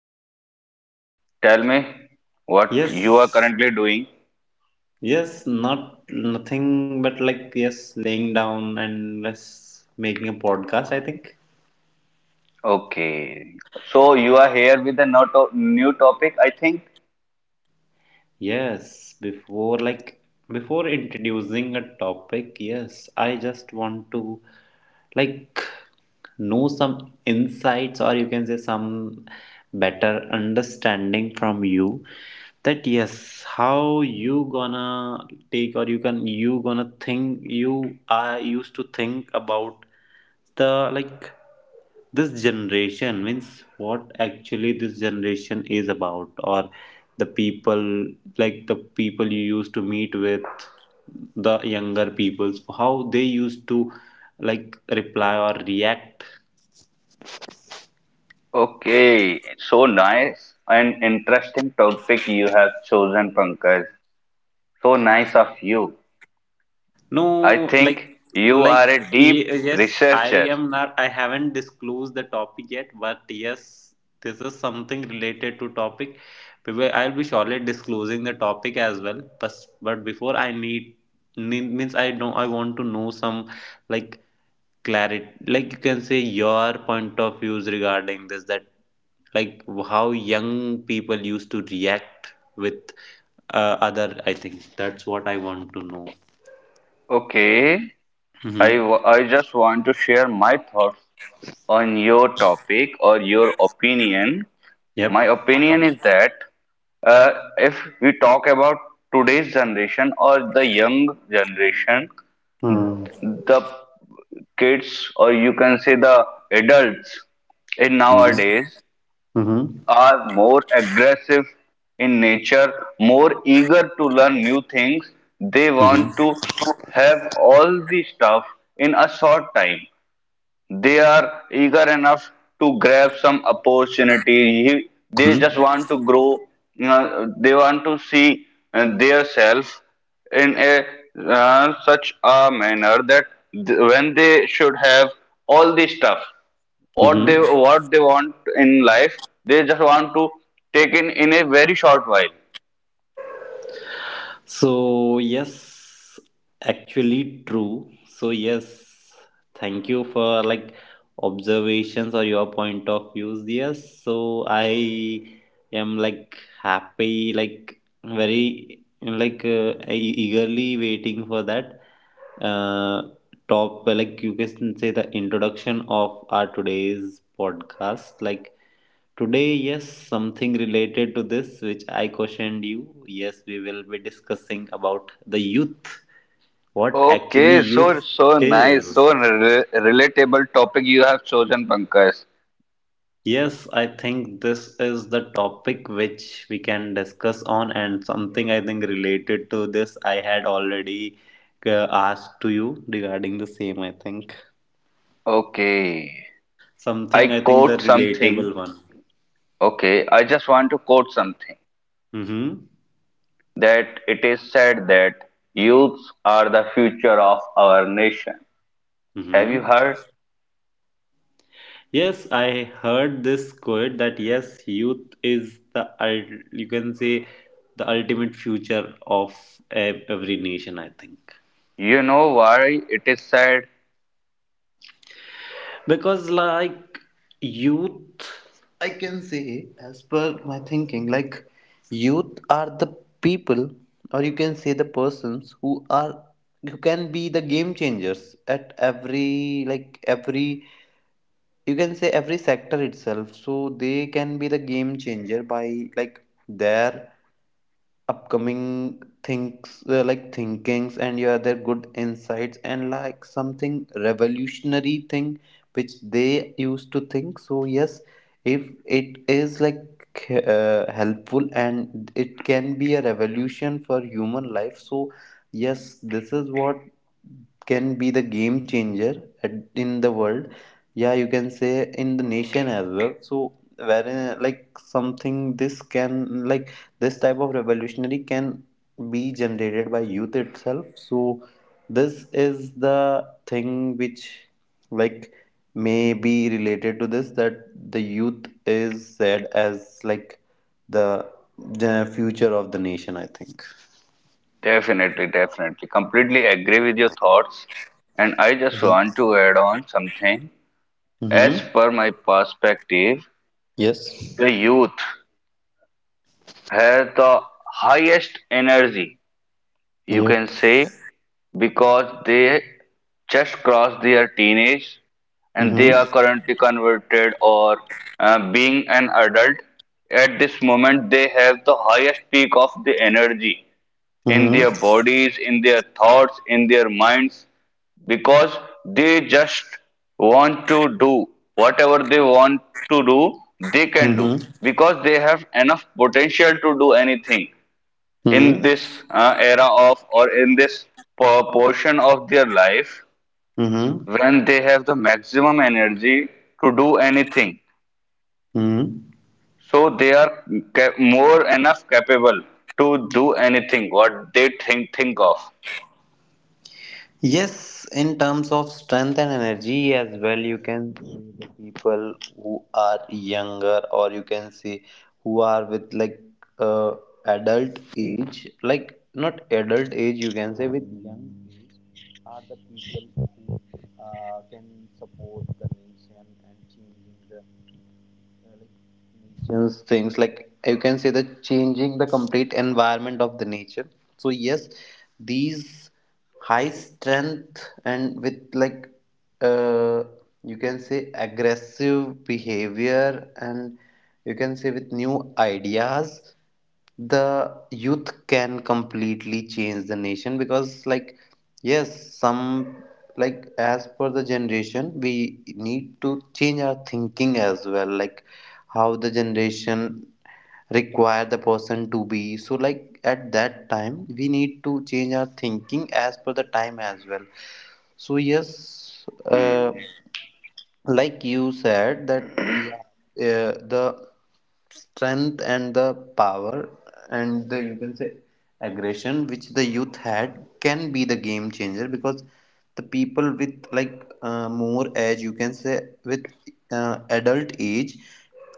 doing good. Tell me what you are Yes, currently doing. yes, nothing but yes, laying down and yes, making a podcast, I think. Okay, so you are here with a no to- new topic, I think. Yes, before introducing a topic, yes, I just want to like know some insights, or you can say some better understanding from you, that yes, how you gonna take, or you gonna think, you are used to think about the like this generation, means what actually this generation is about, or the people, like the people you used to meet with, the younger peoples, how they used to reply or react. Okay, so nice and interesting topic you have chosen, Pankaj. So nice of you. I No, think you like, are a deep yes, I researcher. am not, I haven't disclosed the topic yet, but yes, this is something related to topic. I'll be surely disclosing the topic as well, but before I need, means I know, I want to know some like clarity, like you can say your point of views regarding this, that like how young people used to react with other. I think that's what I want to know. Okay. Mm-hmm. I just want to share my thoughts on your topic or your opinion. My Yep. opinion is that uh, if we talk about today's generation or the young generation, Mm. the kids or you can say the adults in Mm-hmm. nowadays Mm-hmm. are more aggressive in nature, more eager to learn new things. They want to have all the stuff in a short time, they are eager enough to grab some opportunity. They just Mm-hmm. want to grow. You know, they want to see their self in a such a manner that when they should have all the stuff, Mm-hmm. what they want in life, they just want to take in a very short while. So, yes, actually true. So, yes, thank you for observations or your point of views. Yes, so I am happy, like very eagerly waiting for that uh, top like you can say the introduction of our today's podcast, like today, yes, something related to this, which I questioned you. Yes, we will be discussing about the youth. What actually Okay, so youth so nice, is. so relatable topic you have chosen, Pankaj. Yes, I think this is the topic which we can discuss on, and something I think related to this I had already asked to you regarding the same. I think Okay. I something I think the quote something, relatable one. okay, I just want to quote something Mm-hmm. that it is said that youths are the future of our nation. Have you Mm-hmm. heard? Yes, I heard this quote, that yes, youth is the you can say the ultimate future of every nation, I think, You know why it is said? because youth, I can say, as per my thinking, like youth are the people, or you can say the persons who are, who can be the game changers at every, you can say every sector itself, so they can be the game changer by their upcoming things like thinkings, and yeah, their good insights and like something revolutionary thing which they used to think. So yes, if it is helpful and it can be a revolution for human life, so yes, this is what can be the game changer in the world, yeah, you can say in the nation as well. So wherein like something this can like this type of revolutionary can be generated by youth itself, so this is the thing which like may be related to this, that the youth is said as the, the future of the nation, I think. Definitely, definitely. Completely agree with your thoughts. And I just Mhm. want to add on something. As Mm-hmm. per my perspective, Yes. the youth has the highest energy you can Yep. say, because they just crossed their teenage and they Mm-hmm. are currently converted or being an adult. At this moment, they have the highest peak of the energy in Mm-hmm. their bodies, in their thoughts, in their minds, because they just want to do whatever they want to do, they can do Mm-hmm. because they have enough potential to do anything in Mm-hmm. this era of or in this portion of their life Mm-hmm. when they have the maximum energy to do anything, Mm-hmm. so they are more enough capable to do anything what they think of. Yes, in terms of strength and energy as well, you can see the people who are younger, or you can see who are with uh, adult age, like not adult age, you can say with young age, are the people who can support the nation and changing the nations things, like you can say that changing the complete environment of the nature. So yes, these high strength and with uh, you can say aggressive behavior and you can say with new ideas, the youth can completely change the nation because yes, some like as per the generation, we need to change our thinking as well, like how the generation require the person to be, so like at that time we need to change our thinking as per the time as well. So yes, Hmm. like you said that yeah, the strength and the power and the, you can say, aggression which the youth had can be the game changer, because the people with more age, you can say with adult age,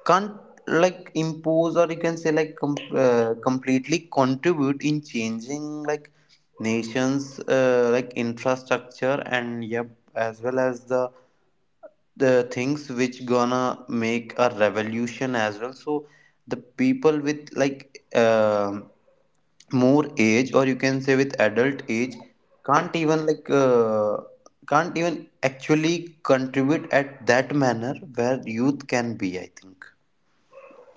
can't impose or you can say completely contribute in changing nations infrastructure, and yep, as well as the things which gonna make a revolution as well. So the people with more age, or you can say with adult age, can't even like can't even actually contribute at that manner where youth can be, I think.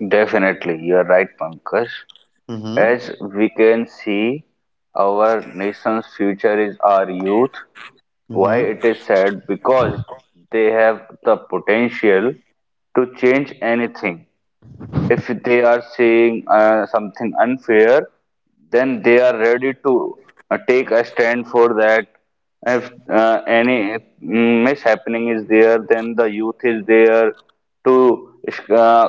Definitely, you are right, Pankaj. As Mm-hmm. we can see, our nation's future is our youth. Why Mm-hmm. it is said? Because they have the potential to change anything. If they are saying something unfair, then they are ready to take a stand for that. If any mishappening is there, then the youth is there to uh,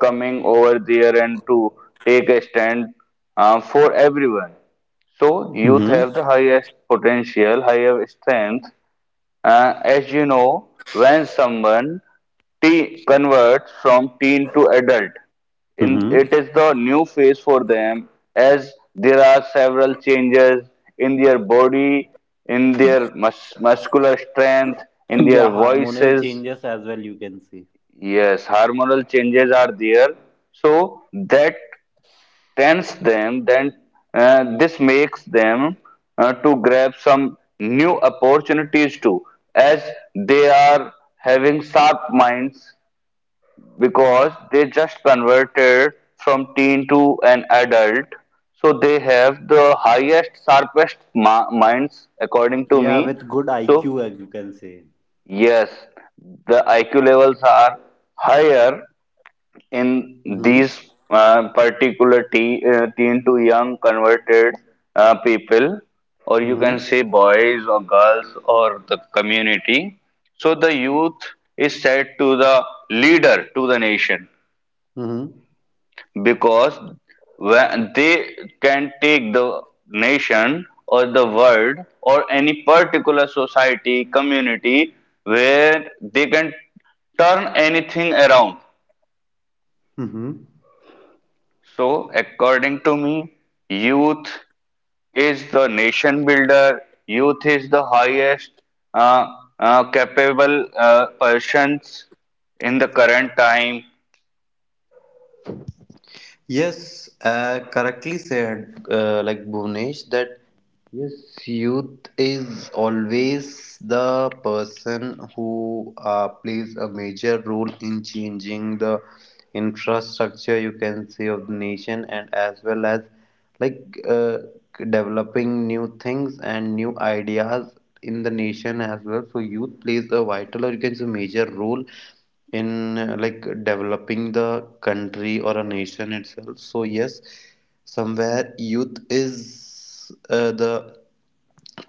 coming over there and to take a stand for everyone. So youth have the Mm-hmm. highest potential, higher strength as you know, when someone converts from teen to adult, in, Mm-hmm. it is the new phase for them as there are several changes in their body, in their muscular strength, in their Yeah, hormonal voices. changes as well, you can say. Yes, hormonal changes are there. So that tends them, then this makes them to grab some new opportunities too, as they are having sharp minds because they just converted from teen to an adult. So they have the highest, sharpest minds, according to Yeah, me. with good So, IQ, as you can say. yes, the IQ levels are higher in these Mm-hmm. Particular teen, teen to young converted people, or you can Mm-hmm. say boys or girls or the community. So the youth is said to the leader to the nation Mm-hmm. because when they can take the nation or the world or any particular society community where they can turn anything around. Mm-hmm. So, according to me, youth is the nation builder, youth is the highest uh, capable persons in the current time. Yes, correctly said, like Bhuvnesh, that yes, youth is always the person who plays a major role in changing the infrastructure, you can say, of the nation, and as well as like uh, developing new things and new ideas in the nation as well. So youth plays a vital, or you can say major role in like developing the country or a nation itself. So yes, somewhere youth is the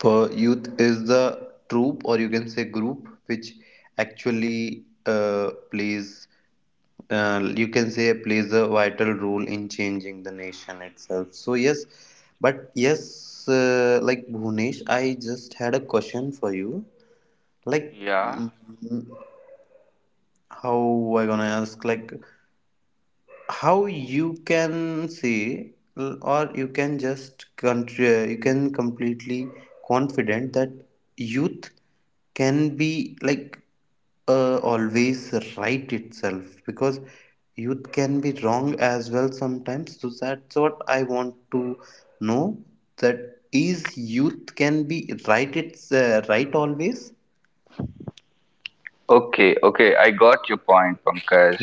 for youth is the troop, or you can say group, which actually plays, you can say, plays a vital role in changing the nation itself. So yes, but yes, like Bhunesh, I just had a question for you, like Yeah. mm, how I gonna ask like how you can say or you can just contr you can completely confident that youth can be always right itself, because youth can be wrong as well sometimes. So that's what I want to know, that is youth can be right, it's right always. Okay, okay, I got your point, Pankaj.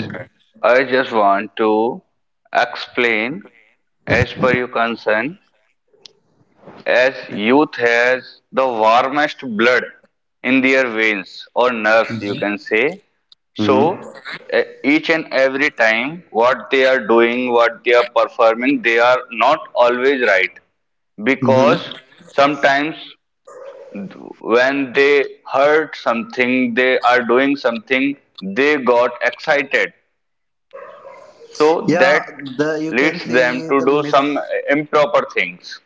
I just want to explain as per your concern as youth has the warmest blood in their veins or nerves, you can say. Mm-hmm. So, each and every time, what they are doing, what they are performing, they are not always right Mm-hmm. because sometimes when they heard something, they are doing something, they got excited. So, Yeah, that the you can leads them say to the do miss. some improper things.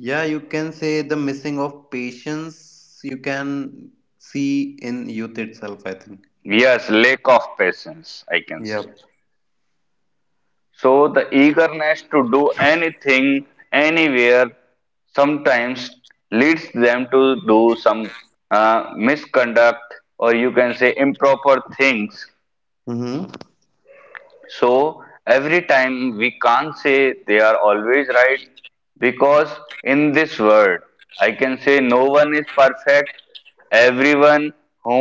Yeah, you can say the missing of patience you can see in youth itself, I think. Yes, lack of patience, I can say. Yep. So the eagerness to do anything, anywhere, sometimes leads them to do some misconduct or you can say improper things. Mm-hmm. So every time we can't say they are always right because in this world, I can say no one is perfect. Everyone who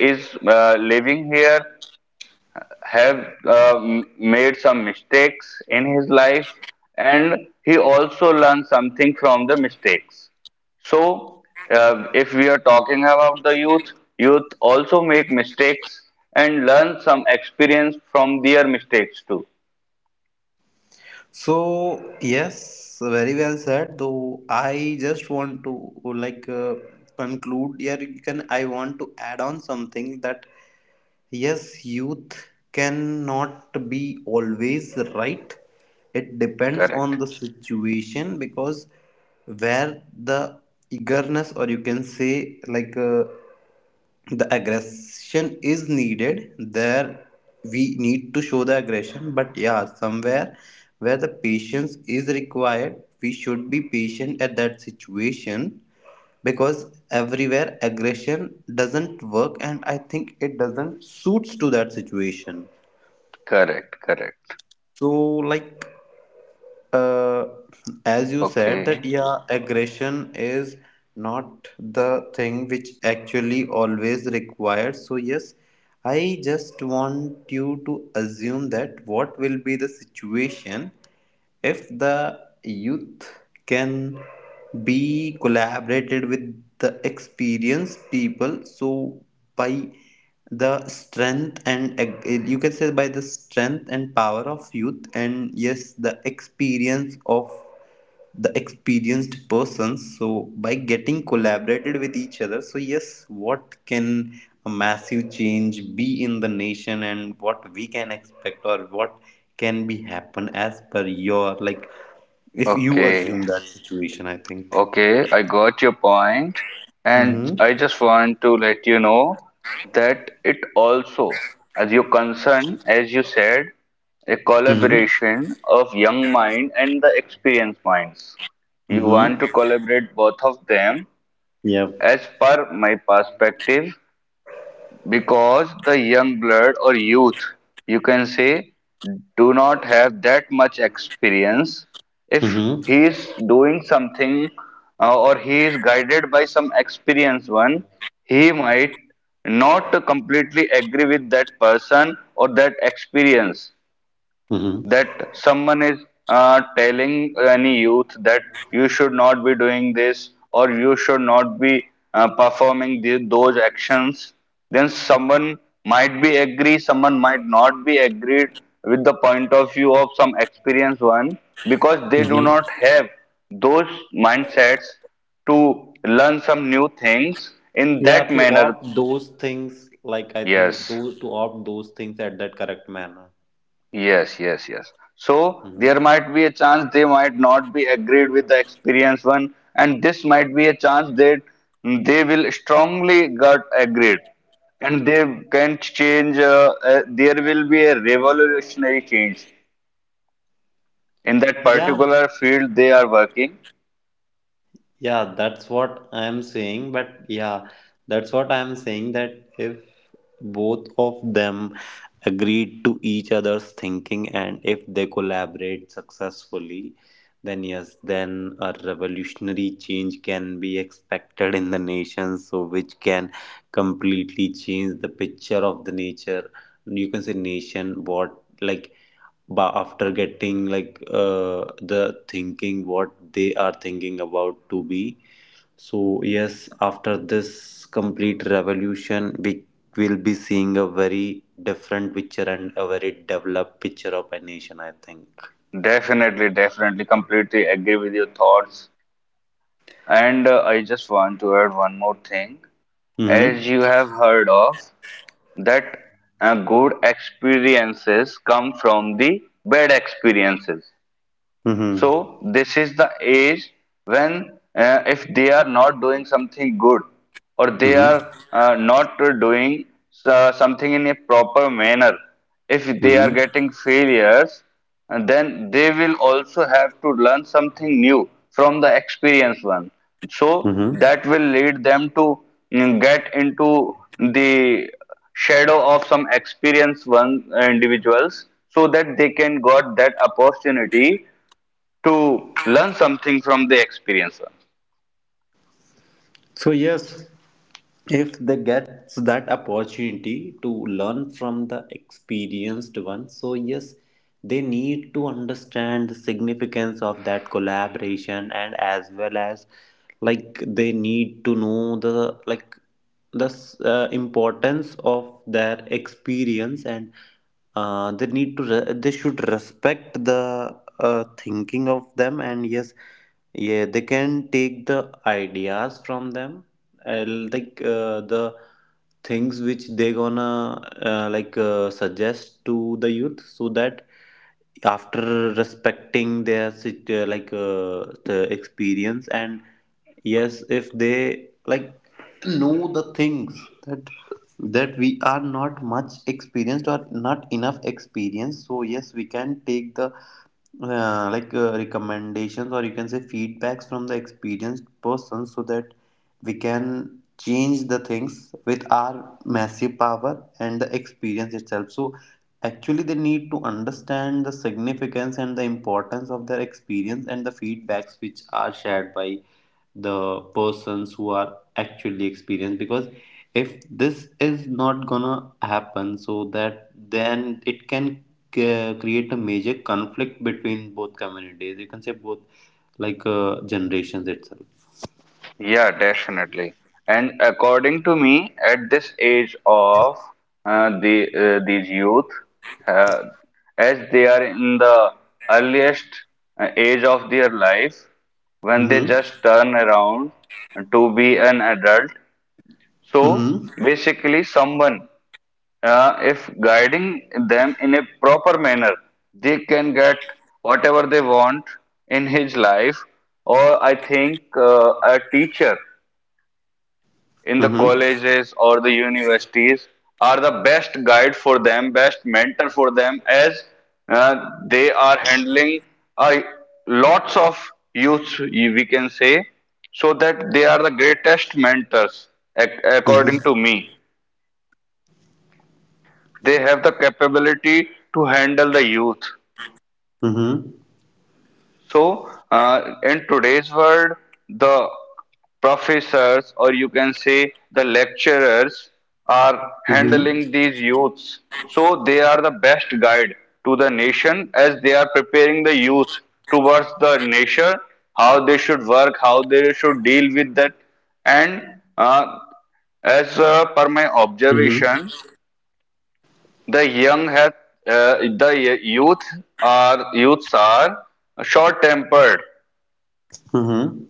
is living here have made some mistakes in his life and he also learned something from the mistakes. So if we are talking about the youth, youth also make mistakes and learn some experience from their mistakes too. So, yes, very well said. Though I just want to conclude here, you can, I want to add on something, that yes, youth cannot be always right. It depends on Correct, the situation, because where the eagerness, or you can say the aggression is needed there, we need to show the aggression. But yeah, somewhere where the patience is required, we should be patient at that situation, because everywhere aggression doesn't work, and I think it doesn't suits to that situation. correct, correct. So like uh, as you said that Okay, yeah, aggression is not the thing which actually always required. So yes, I just want you to assume that what will be the situation if the youth can be collaborated with the experienced people, so by the strength and you can say by the strength and power of youth, and yes, the experience of the experienced persons, so by getting collaborated with each other, so yes, what can a massive change be in the nation, and what we can expect, or what can be happen, as per your if you assume okay. that situation, I think. Okay, I got your point, and Mm-hmm. I just want to let you know that it also, as your concern, as you said, a Mm-hmm. collaboration of young mind and the experienced minds. You Mm-hmm. want to collaborate both of them. Yeah. As per my perspective, because the young blood or youth you can say do not have that much experience, if Mm-hmm. he is doing something or he is guided by some experienced one, he might not completely agree with that person or that experience, that someone is telling any youth that you should not be doing this or you should not be performing the, those actions, then someone might be agree, someone might not be agreed with the point of view of some experienced one because they do Mm-hmm. not have those mindsets to learn some new things in Yeah, that to manner. opt those things, like I think Yes. those, to opt those things at that correct manner. Yes, yes, yes. So there Hmm. might be a chance they might not be agreed with the experienced one, and this might be a chance that they will strongly get agreed, and they can change. There will be a revolutionary change in that Yeah, particular field they are working. Yeah, that's what I'm saying. But yeah, that's what I'm saying, that if both of them agreed to each other's thinking and if they collaborate successfully, then yes, then a revolutionary change can be expected in the nation, so which can completely change the picture of the nature. You can say nation, what like, but after getting the thinking what they are thinking about to be. So yes, after this complete revolution, we will be seeing a very different picture and a very developed picture of a nation, I think. Definitely, definitely, completely agree with your thoughts. And I just want to add one more thing. As you Mm-hmm. have heard of. That good experiences come from the bad experiences, Mm-hmm. so this is the age when if they are not doing something good or they Mm-hmm. are not doing something in a proper manner, if they are Mm-hmm. getting failures, and then they will also have to learn something new from the experienced one. So Mm-hmm. that will lead them to get into the shadow of some experienced one individuals so that they can got that opportunity to learn something from the experience. So, yes, if they get that opportunity to learn from the experienced one, so yes, they need to understand the significance of that collaboration, and as well as they need to know importance of their experience, and they need to re- they should respect the thinking of them. And yes, yeah, they can take the ideas from them, and the things which they gonna suggest to the youth, so that after respecting their the experience, and yes, if they know the things that we are not much experienced or not enough experienced, so yes, we can take the recommendations, or you can say feedbacks, from the experienced person, so that we can change the things with our massive power and the experience itself. So actually they need to understand the significance and the importance of their experience and the feedbacks which are shared by the persons who are actually experienced, because if this is not gonna happen, so that then it can create a major conflict between both communities, you can say both generations itself. Yeah, definitely. And according to me, at this age of the these youth, uh, as they are in the earliest age of their life, when they Mm-hmm. just turn around to be an adult, so Mm-hmm. basically someone if guiding them in a proper manner, they can get whatever they want in his life. Or I think a teacher in the Mm-hmm. colleges or the universities are the best guide for them, best mentor for them, as uh, they are handling uh, lots of youths, we can say, so that they are the greatest mentors, according to Mm-hmm. me. They have the capability to handle the youth. Mm-hmm. So, in today's world, the professors or you can say the lecturers are handling these youths. So, they are the best guide to the nation as they are preparing the youth towards the nation, how they should work, how they should deal with that, and uh, as per my Mm-hmm. observation, the young have the youth are youths are short-tempered. Mm-hmm.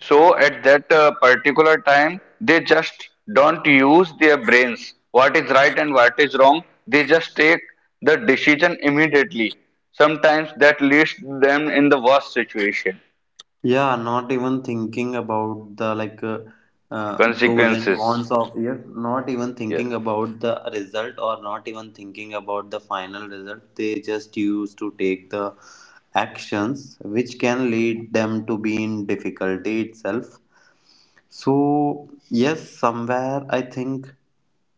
So at that particular time, they just don't use their brains. What is right and what is wrong, they just take the decision immediately. Sometimes that leads them in the worst situation. Yeah, not even thinking about the pros and Consequences. cons of, yes, not even Yes, thinking about the result, or not even thinking about the final result. They just used to take the actions which can lead them to be in difficulty itself. So, yes, somewhere I think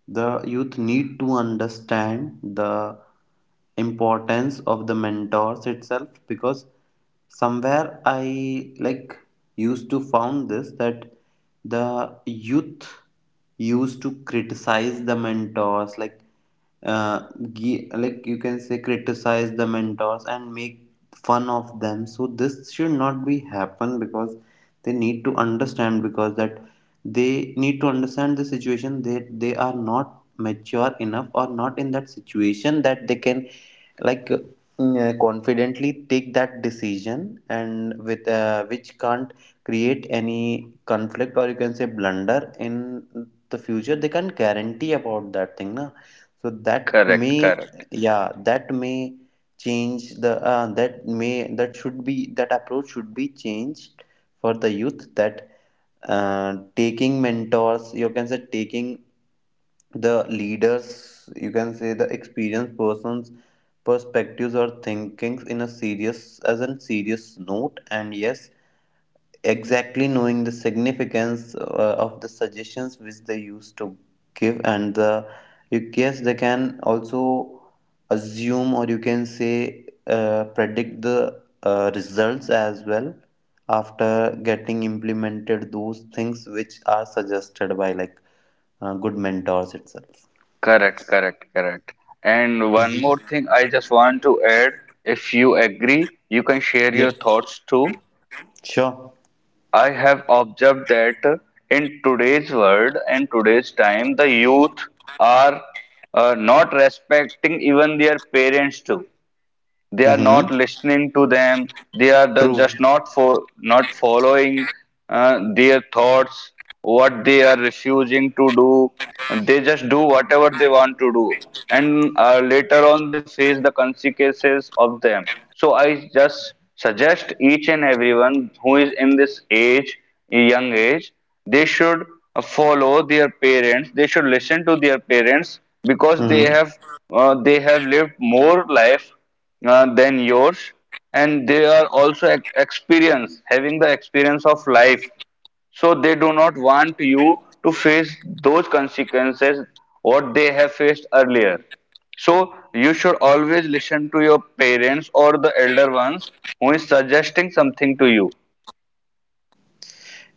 the youth need to understand the importance of the mentors itself, because somewhere I like used to found this that the youth used to criticize the mentors, like uh, like, you can say, criticize the mentors and make fun of them. So this should not be happen, because they need to understand, because that they need to understand the situation, that they are not mature enough or not in that situation that they can, like, confidently take that decision, and with which can't create any conflict, or you can say blunder, in the future they can't guarantee about that thing na. So that correct, may, correct. yeah, that may change the that should be, that approach should be changed for the youth, that taking mentors, you can say taking the leaders, you can say the experienced persons' perspectives or thinkings in a serious, as a serious note. And yes, exactly knowing the significance of the suggestions which they used to give, and the you guess they can also assume, or you can say predict the results as well, after getting implemented those things which are suggested by like good mentors itself. Correct, correct, correct. And one more Hmm. thing I just want to add, if you agree, you can share your Yes. thoughts too. Sure. I have observed that in today's world and today's time, the youth are not respecting even their parents too, they are Mm-hmm. not listening to them, they are True. just not for not following their thoughts, what they are refusing to do, and they just do whatever they want to do, and later on they face the consequences of them. So I just suggest each and everyone who is in this age, young age, they should follow their parents, they should listen to their parents because Hmm. They have lived more life than yours, and they are also experience having the experience of life, so they do not want you to face those consequences what they have faced earlier. So you should always listen to your parents or the elder ones who is suggesting something to you.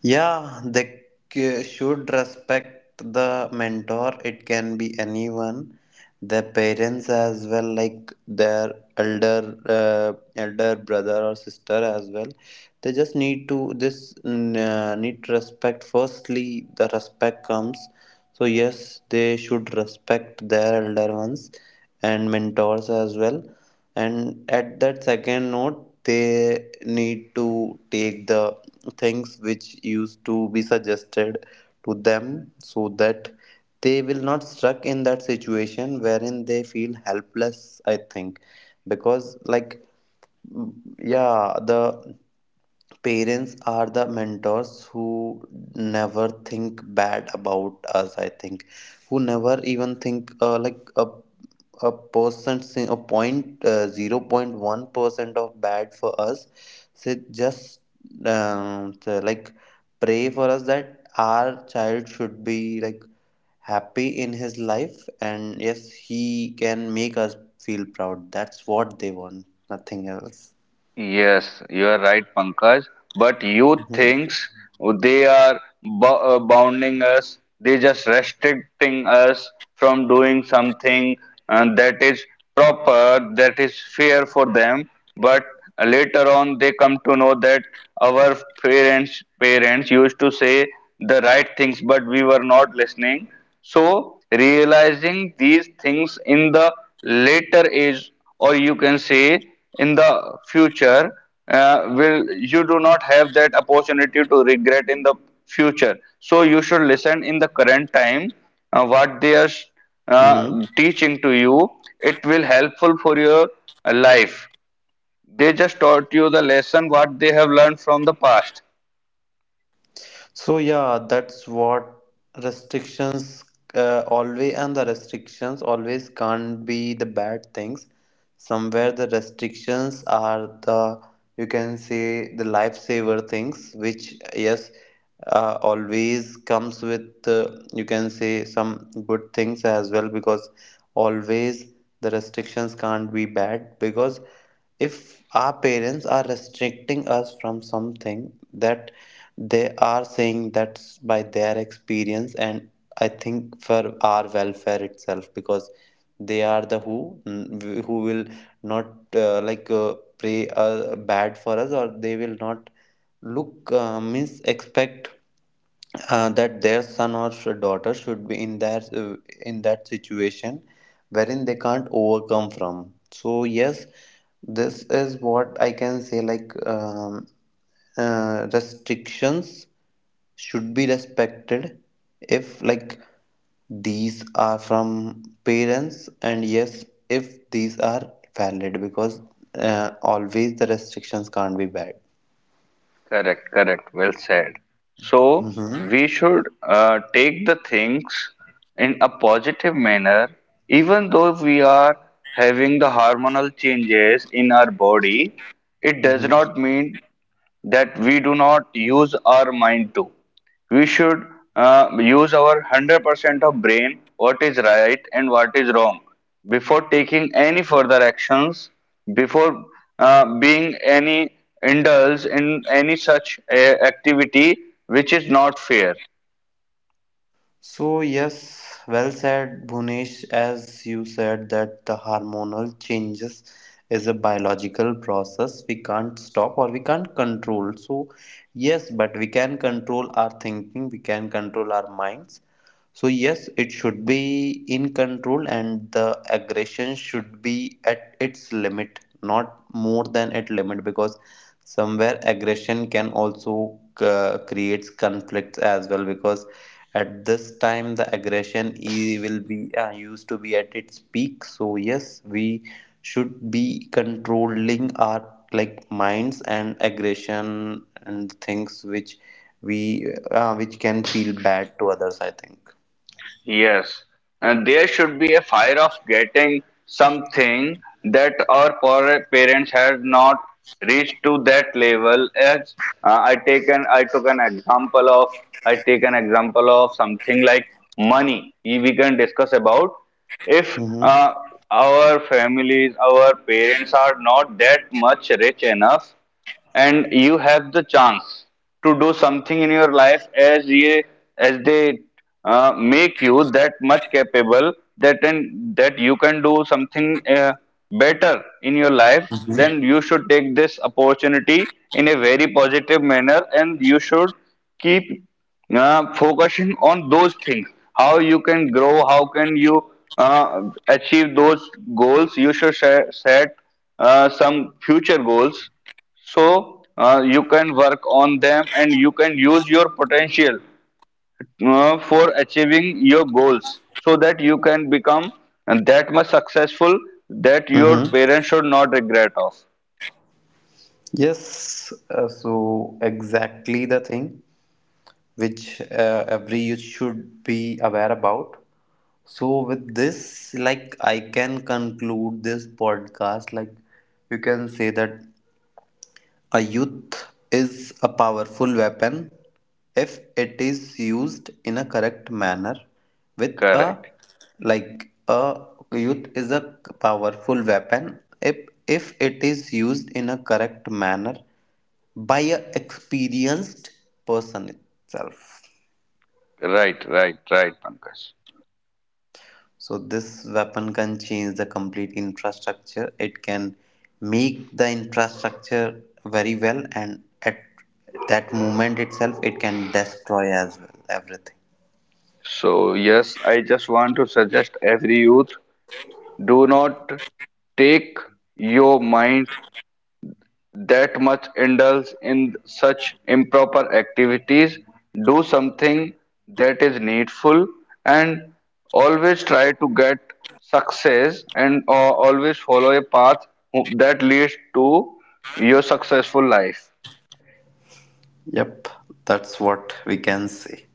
Yeah, they should respect the mentor. It can be anyone, the parents as well, like their elder elder brother or sister as well. They just need to this, need respect. Firstly the respect comes, so yes, they should respect their elder ones and mentors as well. And at that second note, they need to take the things which used to be suggested to them, so that they will not stuck in that situation wherein they feel helpless, I think. Because like, mm, yeah, the parents are the mentors who never think bad about us, I think, who never even think like a percent, a point, zero point 0.1% of bad for us. So just so, like, pray for us that our child should be like happy in his life, and yes, he can make us feel proud. That's what they want, nothing else. Yes, you are right, Pankaj. But youth Mm-hmm. thinks they are bo bounding us, they just restricting us from doing something that is proper, that is fair for them. But later on, they come to know that our parents used to say the right things, but we were not listening. So, realizing these things in the later age, or you can say in the future, will you do not have that opportunity to regret in the future. So, you should listen in the current time what they are uh, Mm-hmm. teaching to you. It will helpful for your life. They just taught you the lesson what they have learned from the past. So yeah, that's what, restrictions, always, and the restrictions always can't be the bad things. Somewhere the restrictions are the, you can say, the lifesaver things, which yes, always comes with, you can say, some good things as well. Because always the restrictions can't be bad, because if our parents are restricting us from something, that they are saying that's by their experience, and I think for our welfare itself. Because they are the who, who will not like pray bad for us, or they will not look, means, expect that their son or daughter should be in that, in that situation wherein they can't overcome from. So yes, this is what I can say, like restrictions should be respected, if like these are from parents, and yes, if these are valid. Because always the restrictions can't be bad. Correct, correct. Well said. So Hmm. we should take the things in a positive manner, even though we are having the hormonal changes in our body. It does Hmm. not mean that we do not use our mind to. We should use our 100% of brain, what is right and what is wrong, before taking any further actions, before being any indulged in any such activity which is not fair. So yes, well said, Bhunesh. As you said, that the hormonal changes is a biological process, we can't stop or we can't control. So yes, but we can control our thinking, we can control our minds. So yes, it should be in control, and the aggression should be at its limit, not more than at limit. Because somewhere aggression can also creates conflicts as well, because at this time the aggression will be used to be at its peak. So yes, we should be controlling our like minds and aggression and things which we, which can feel bad to others, I think. Yes, and there should be a fire of getting something that our parents have not reached to that level. As I took an example of I take an example of something like money. We can discuss about if Mm-hmm. Our families, our parents are not that much rich enough and you have the chance to do something in your life as as they make you that much capable that and that you can do something better in your life, Mm-hmm. then you should take this opportunity in a very positive manner and you should keep focusing on those things, how you can grow, how can you uh, achieve those goals. You should set some future goals so you can work on them and you can use your potential for achieving your goals so that you can become that much successful that your Mm-hmm. parents should not regret of. Yes, so exactly the thing which every youth should be aware about. So with this, like, I can conclude this podcast. Like, you can say that a youth is a powerful weapon if it is used in a correct manner with a, Correct, like, a youth is a powerful weapon if it is used in a correct manner by a experienced person itself. right, right, right, Pankaj. So this weapon can change the complete infrastructure. It can make the infrastructure very well, and at that moment itself, it can destroy as well everything. So yes, I just want to suggest every youth, do not take your mind that much indulge in such improper activities, do something that is needful, and always try to get success and always follow a path that leads to your successful life. Yep, that's what we can say.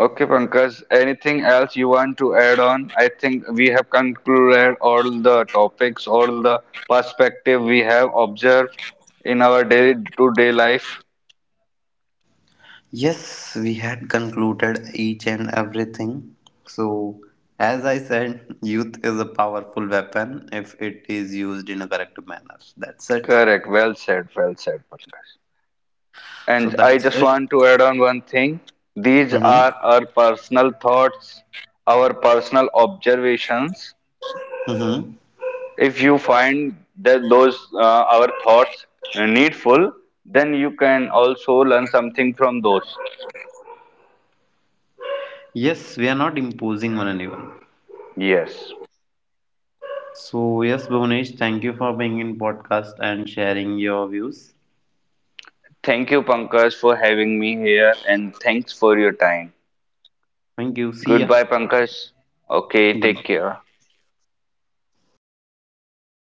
Okay, Pankaj, anything else you want to add on? I think we have concluded all the topics, all the perspective we have observed in our day-to-day life. Yes, we had concluded each and everything. So, as I said, youth is a powerful weapon if it is used in a correct manner. That's it. Correct. Well said. Well said, Pankaj. So And I that's just it. want to add on one thing. These Mm-hmm. are our personal thoughts, our personal observations. Mm-hmm. If you find that those our thoughts needful, then you can also learn something from those. Yes, we are not imposing on anyone. Yes. So yes, Bhunesh, thank you for being in podcast and sharing your views. Thank you, Pankaj, for having me here, and thanks for your time. Thank you. See ya. Goodbye, Pankaj. Okay, Good. take care.